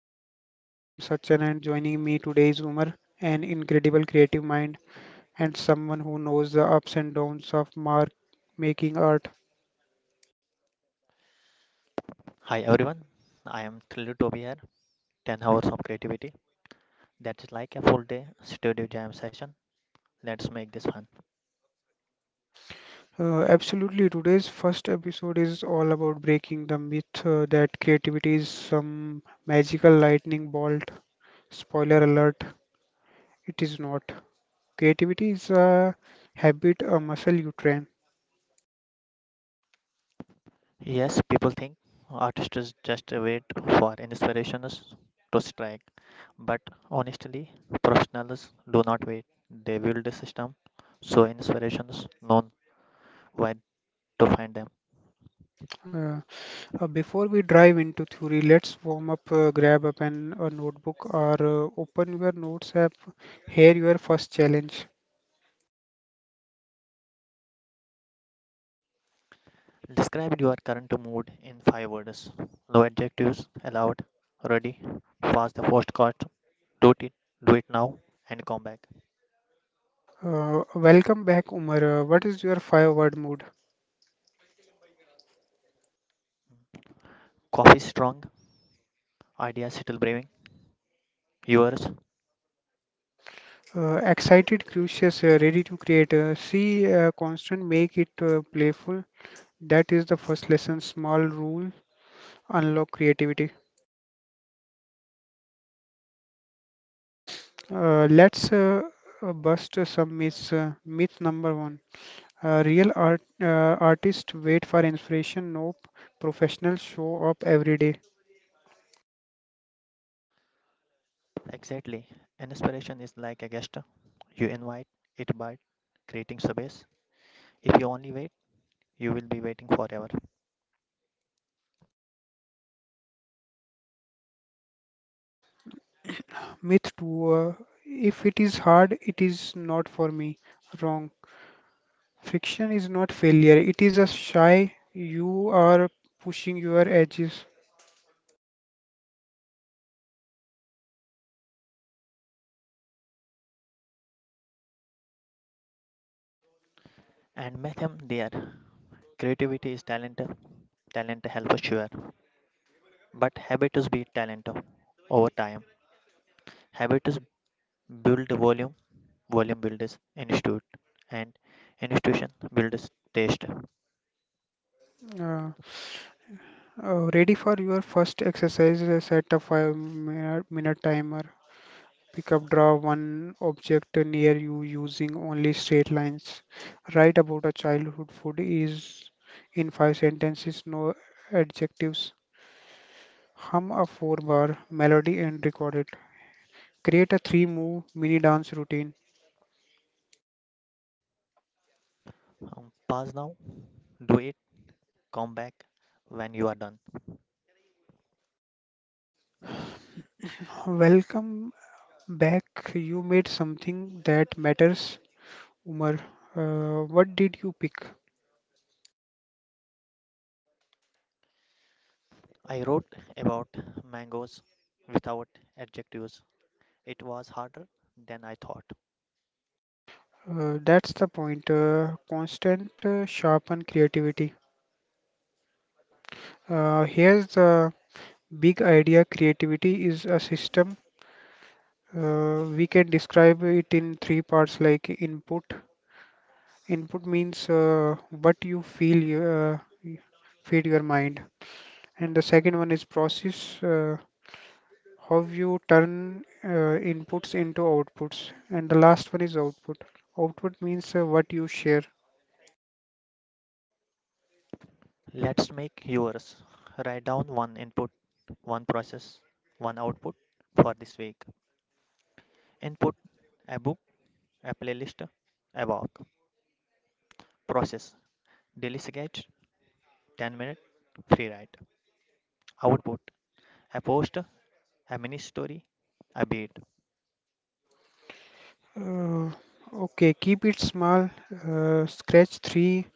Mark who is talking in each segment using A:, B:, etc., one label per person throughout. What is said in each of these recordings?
A: Marathon. I am Sachin, and joining me today is Umar, an incredible creative mind and someone who knows the ups and downs of mark making art.
B: Hi everyone, I am thrilled to be here. 10 hours of creativity. That's like a full day studio jam session. Let's make this fun.
A: Absolutely, today's first episode is all about breaking the myth that creativity is some magical lightning bolt. Spoiler alert, it is not. Creativity is a habit, a muscle you train.
B: Yes, people think artists just wait for inspirations to strike, but honestly, professionals do not wait. They build a system so inspirations know where to find them.
A: Uh, Before we dive into theory, let's warm up. Grab a pen, a notebook, or open your notes app. Here, your first challenge.
B: Describe your current mood in five words. No adjectives allowed. Ready? Pause the first cut. Do it. Do it now and come back.
A: Welcome back, Umar. What is your five word mood?
B: Coffee strong, ideas still brewing. Yours?
A: Excited, curious, ready to create. See, constant, make it playful. That is the first lesson. Small rule, unlock creativity. Let's bust some myths. Myth number one. Real artists wait for inspiration. Nope, professionals show up every day.
B: Exactly. An inspiration is like a guest. You invite it by creating space. If you only wait, you will be waiting forever.
A: Myth two: if it is hard, it is not for me. Wrong. Friction is not failure. It is a shy. You are pushing your edges.
B: And Metham there. Creativity is talent. Talent helps sure. But habits beat talent over time. Habits build volume. Volume builds institute. And institution builds taste.
A: Uh, Ready for your first exercise. Set a minute timer. Pick up, draw one object near you using only straight lines. Write about a childhood food is in five sentences, no adjectives. Hum a four bar melody and record it. Create a three move mini dance routine.
B: Pause now. Do it. Come back when you are done.
A: Welcome back. You made something that matters. Umar, what did you pick?
B: I wrote about mangoes without adjectives. It was harder than I thought.
A: That's the point. Constant sharpen creativity. Here's the big idea: creativity is a system. We can describe it in three parts like input. Input means what you feel, uh, y- feed your mind. And the second one is process, how you turn inputs into outputs. And the last one is output. Output means what you share.
B: Let's make yours. Write down one input, one process, one output for this week. Input a book, a playlist, a walk. Process daily sketch, 10-minute free write. Output a post, a mini story, a beat.
A: Uh, okay, keep it small. Scratch three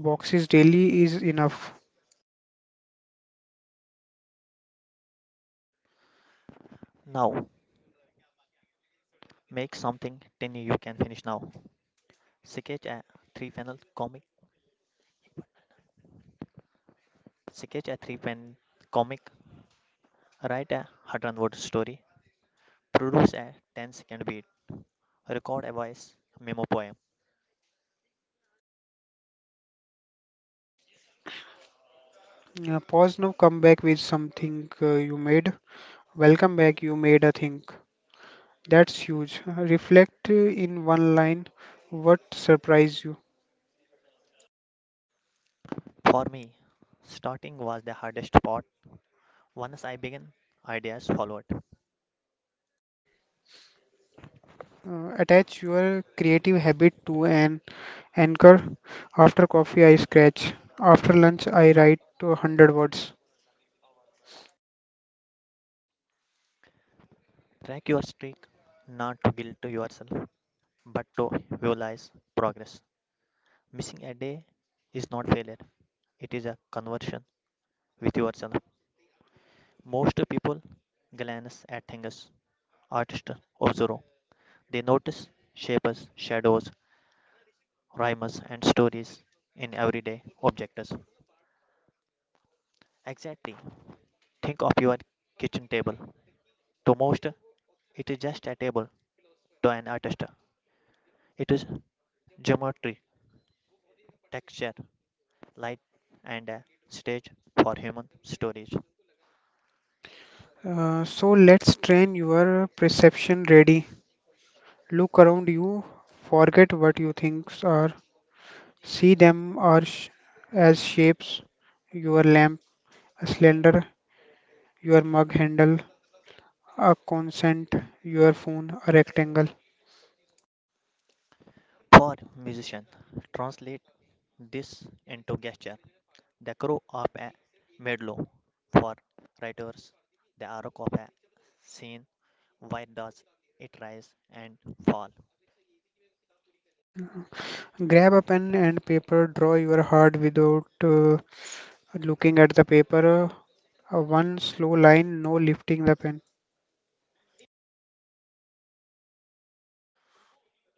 A: boxes daily is enough.
B: Now make something tiny you can finish now. Sketch a three panel comic. Sketch a three pen comic. Write a Hutton Word story. Produce a 10-second beat. Record a voice memo poem.
A: Pause now, come back with something you made. Welcome back, you made a thing. That's huge. Reflect in one line what surprised you.
B: For me, starting was the hardest part. Once I began, ideas followed.
A: Attach your creative habit to an anchor. After coffee, I scratch. After lunch, I write to 100 words.
B: Track your streak, not to guilt to yourself, but to visualize progress. Missing a day is not failure, it is a conversion with yourself. Most people glance at things, artists observe. They notice shapes, shadows, rhymes, and stories in everyday objects. Exactly. Think of your kitchen table. To most, it is just a table. To an artist, it is geometry, texture, light, and a stage for human stories.
A: So let's train your perception ready. Look around you, forget what you think are, see them are sh- as shapes. Your lamp slender, your mug handle, a consent, your phone, a rectangle.
B: For musician, translate this into gesture. The crow of a medlow. For writers, the arc of a scene. Why does it rise and fall?
A: Grab a pen and paper, draw your heart without looking at the paper. One slow line, no lifting the pen.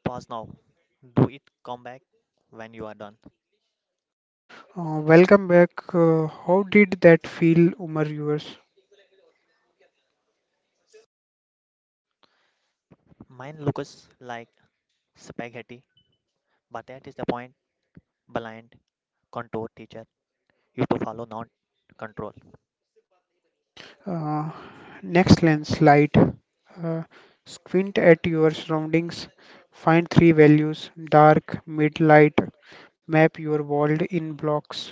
B: Pause now. Do it, come back when you are done.
A: Welcome back. How did that feel, Umar? Yours.
B: Mine looks like spaghetti, but that is the point, blind contour teacher you to follow, not control.
A: Uh, Next lens, light. Uh, Squint at your surroundings. Find three values: dark, mid, light. Map your world in blocks.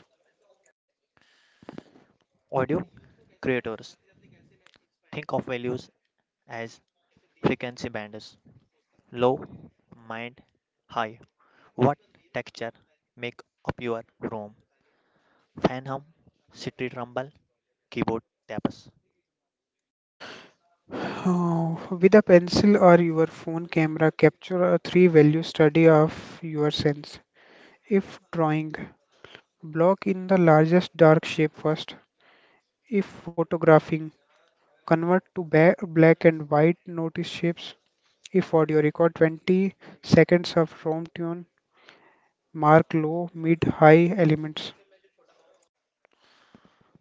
B: Audio creators think of values as frequency bands low, mind, high. What texture make up your room? Fan hum, city rumble, keyboard taps.
A: Oh, with a pencil or your phone camera, capture a three value study of your sense. If drawing, block in the largest dark shape first. If photographing, convert to black and white, notice shapes. If audio, record 20 seconds of ROM tune, mark low, mid, high elements.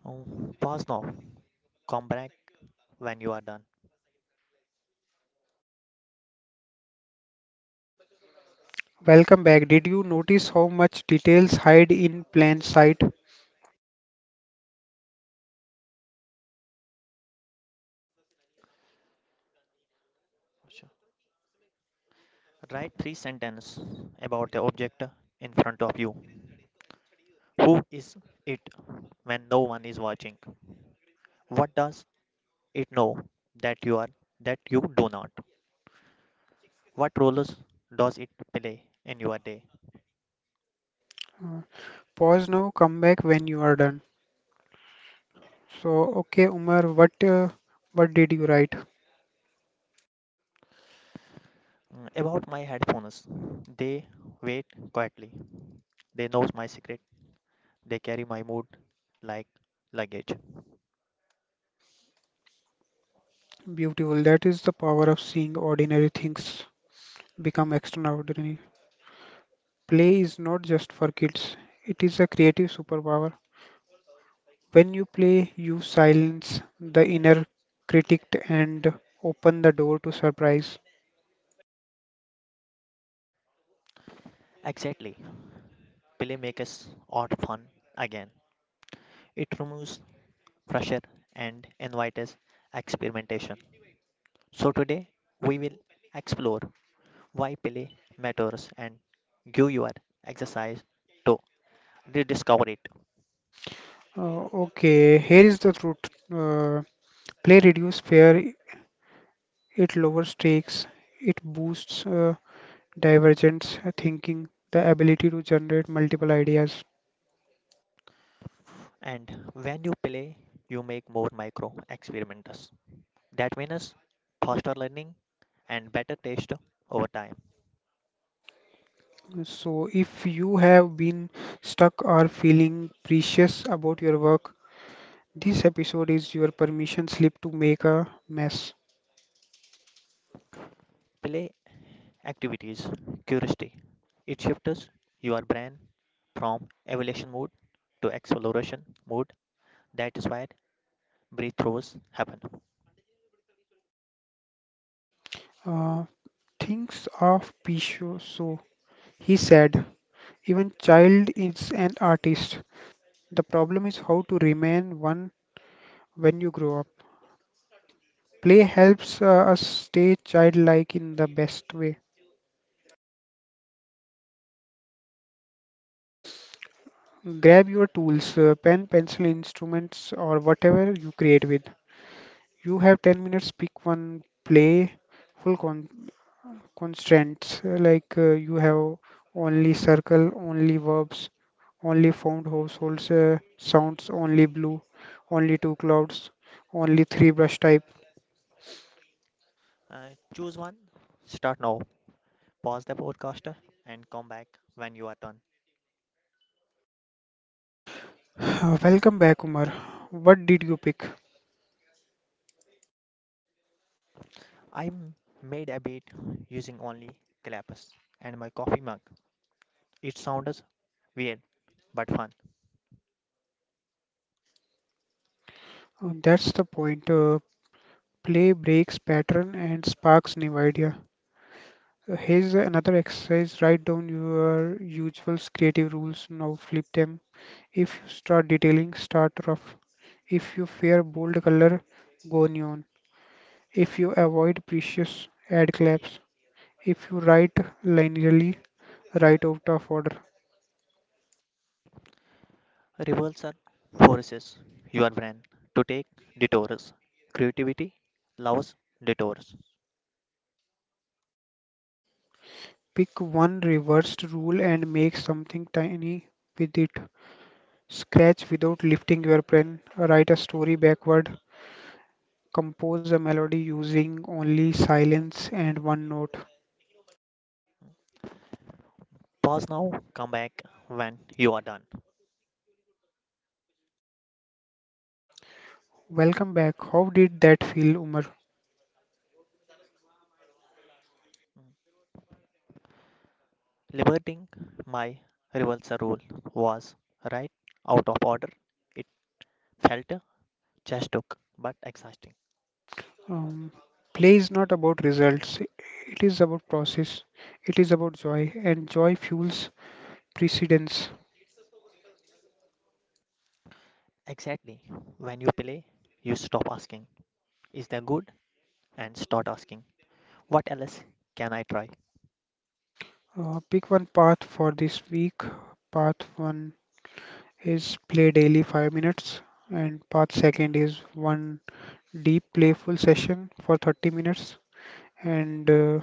B: Pause now. Come back when you are done.
A: Welcome back. Did you notice how much details hide in plain sight?
B: Write three sentences about the object in front of you. Who is it when no one is watching? What does it know that you are, that you do not? What roles does it play in your day?
A: Pause now, come back when you are done. So, okay, Umar, what did you write?
B: About my headphones. They wait quietly. They know my secret. They carry my mood like luggage.
A: Beautiful. That is the power of seeing ordinary things become extraordinary. Play is not just for kids. It is a creative superpower. When you play, you silence the inner critic and open the door to surprise.
B: Exactly. Play makes us odd fun again. It removes pressure and invites experimentation. So, today we will explore why play matters and give your exercise to rediscover it.
A: Okay, here is the truth. Play reduces fear. It lowers stakes. It boosts divergence thinking, the ability to generate multiple ideas.
B: And when you play, you make more micro experiments. That means faster learning and better taste over time.
A: So, if you have been stuck or feeling precious about your work, this episode is your permission slip to make a mess.
B: Play activities, curiosity. It shifts your brain from evaluation mode to exploration mode. That is why breakthroughs happen.
A: Uh, Thinks of Pisho. So, he said, even child is an artist. The problem is how to remain one when you grow up. Play helps us stay childlike in the best way. Grab your tools, pen, pencil, instruments, or whatever you create with. You have 10 minutes, pick one play, full con constraints. Like you have only circle, only verbs, only found households, sounds, only blue, only two clouds, only three brush type.
B: Uh, Choose one, start now, pause the podcaster and come back when you are done.
A: Welcome back, Umar. What did you pick?
B: I m- made a beat using only clappers and my coffee mug. It sounds weird but fun.
A: That's the point. Play breaks pattern and sparks new idea. Here's another exercise. Write down your usual creative rules. Now flip them. If you start detailing, start rough. If you fear bold color, go neon. If you avoid precious, add claps. If you write linearly, write out of order.
B: Reversal forces your brain to take detours. Creativity loves detours.
A: Pick one reversed rule and make something tiny with it. Scratch without lifting your pen. Write a story backward. Compose a melody using only silence and one note.
B: Pause now, come back when you are done.
A: Welcome back. How did that feel, Umar?
B: Liberating, my reversal rule was right out of order. It felt just took but exhausting.
A: Um, Play is not about results, it is about process, it is about joy, and joy fuels precedence.
B: Exactly. When you play, you stop asking, "Is that good?" and start asking, "What else can I try?"
A: Pick one path for this week. Path one is play daily 5 minutes, and path second is one deep playful session for 30 minutes, and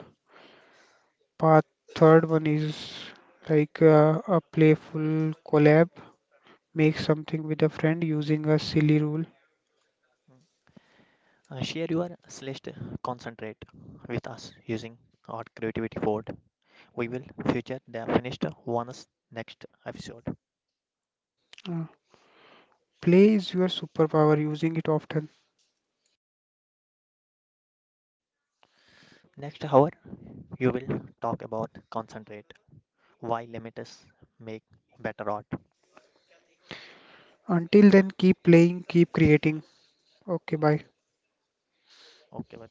A: path third one is like a playful collab, make something with a friend using a silly rule.
B: Share your slash concentrate with us using our creativity board. We will feature the finished ones next episode.
A: Uh, Play is your superpower, using it often.
B: Next hour, you will talk about concentrate, why limits make better art.
A: Until then, keep playing, keep creating. Okay, bye.
B: Okay,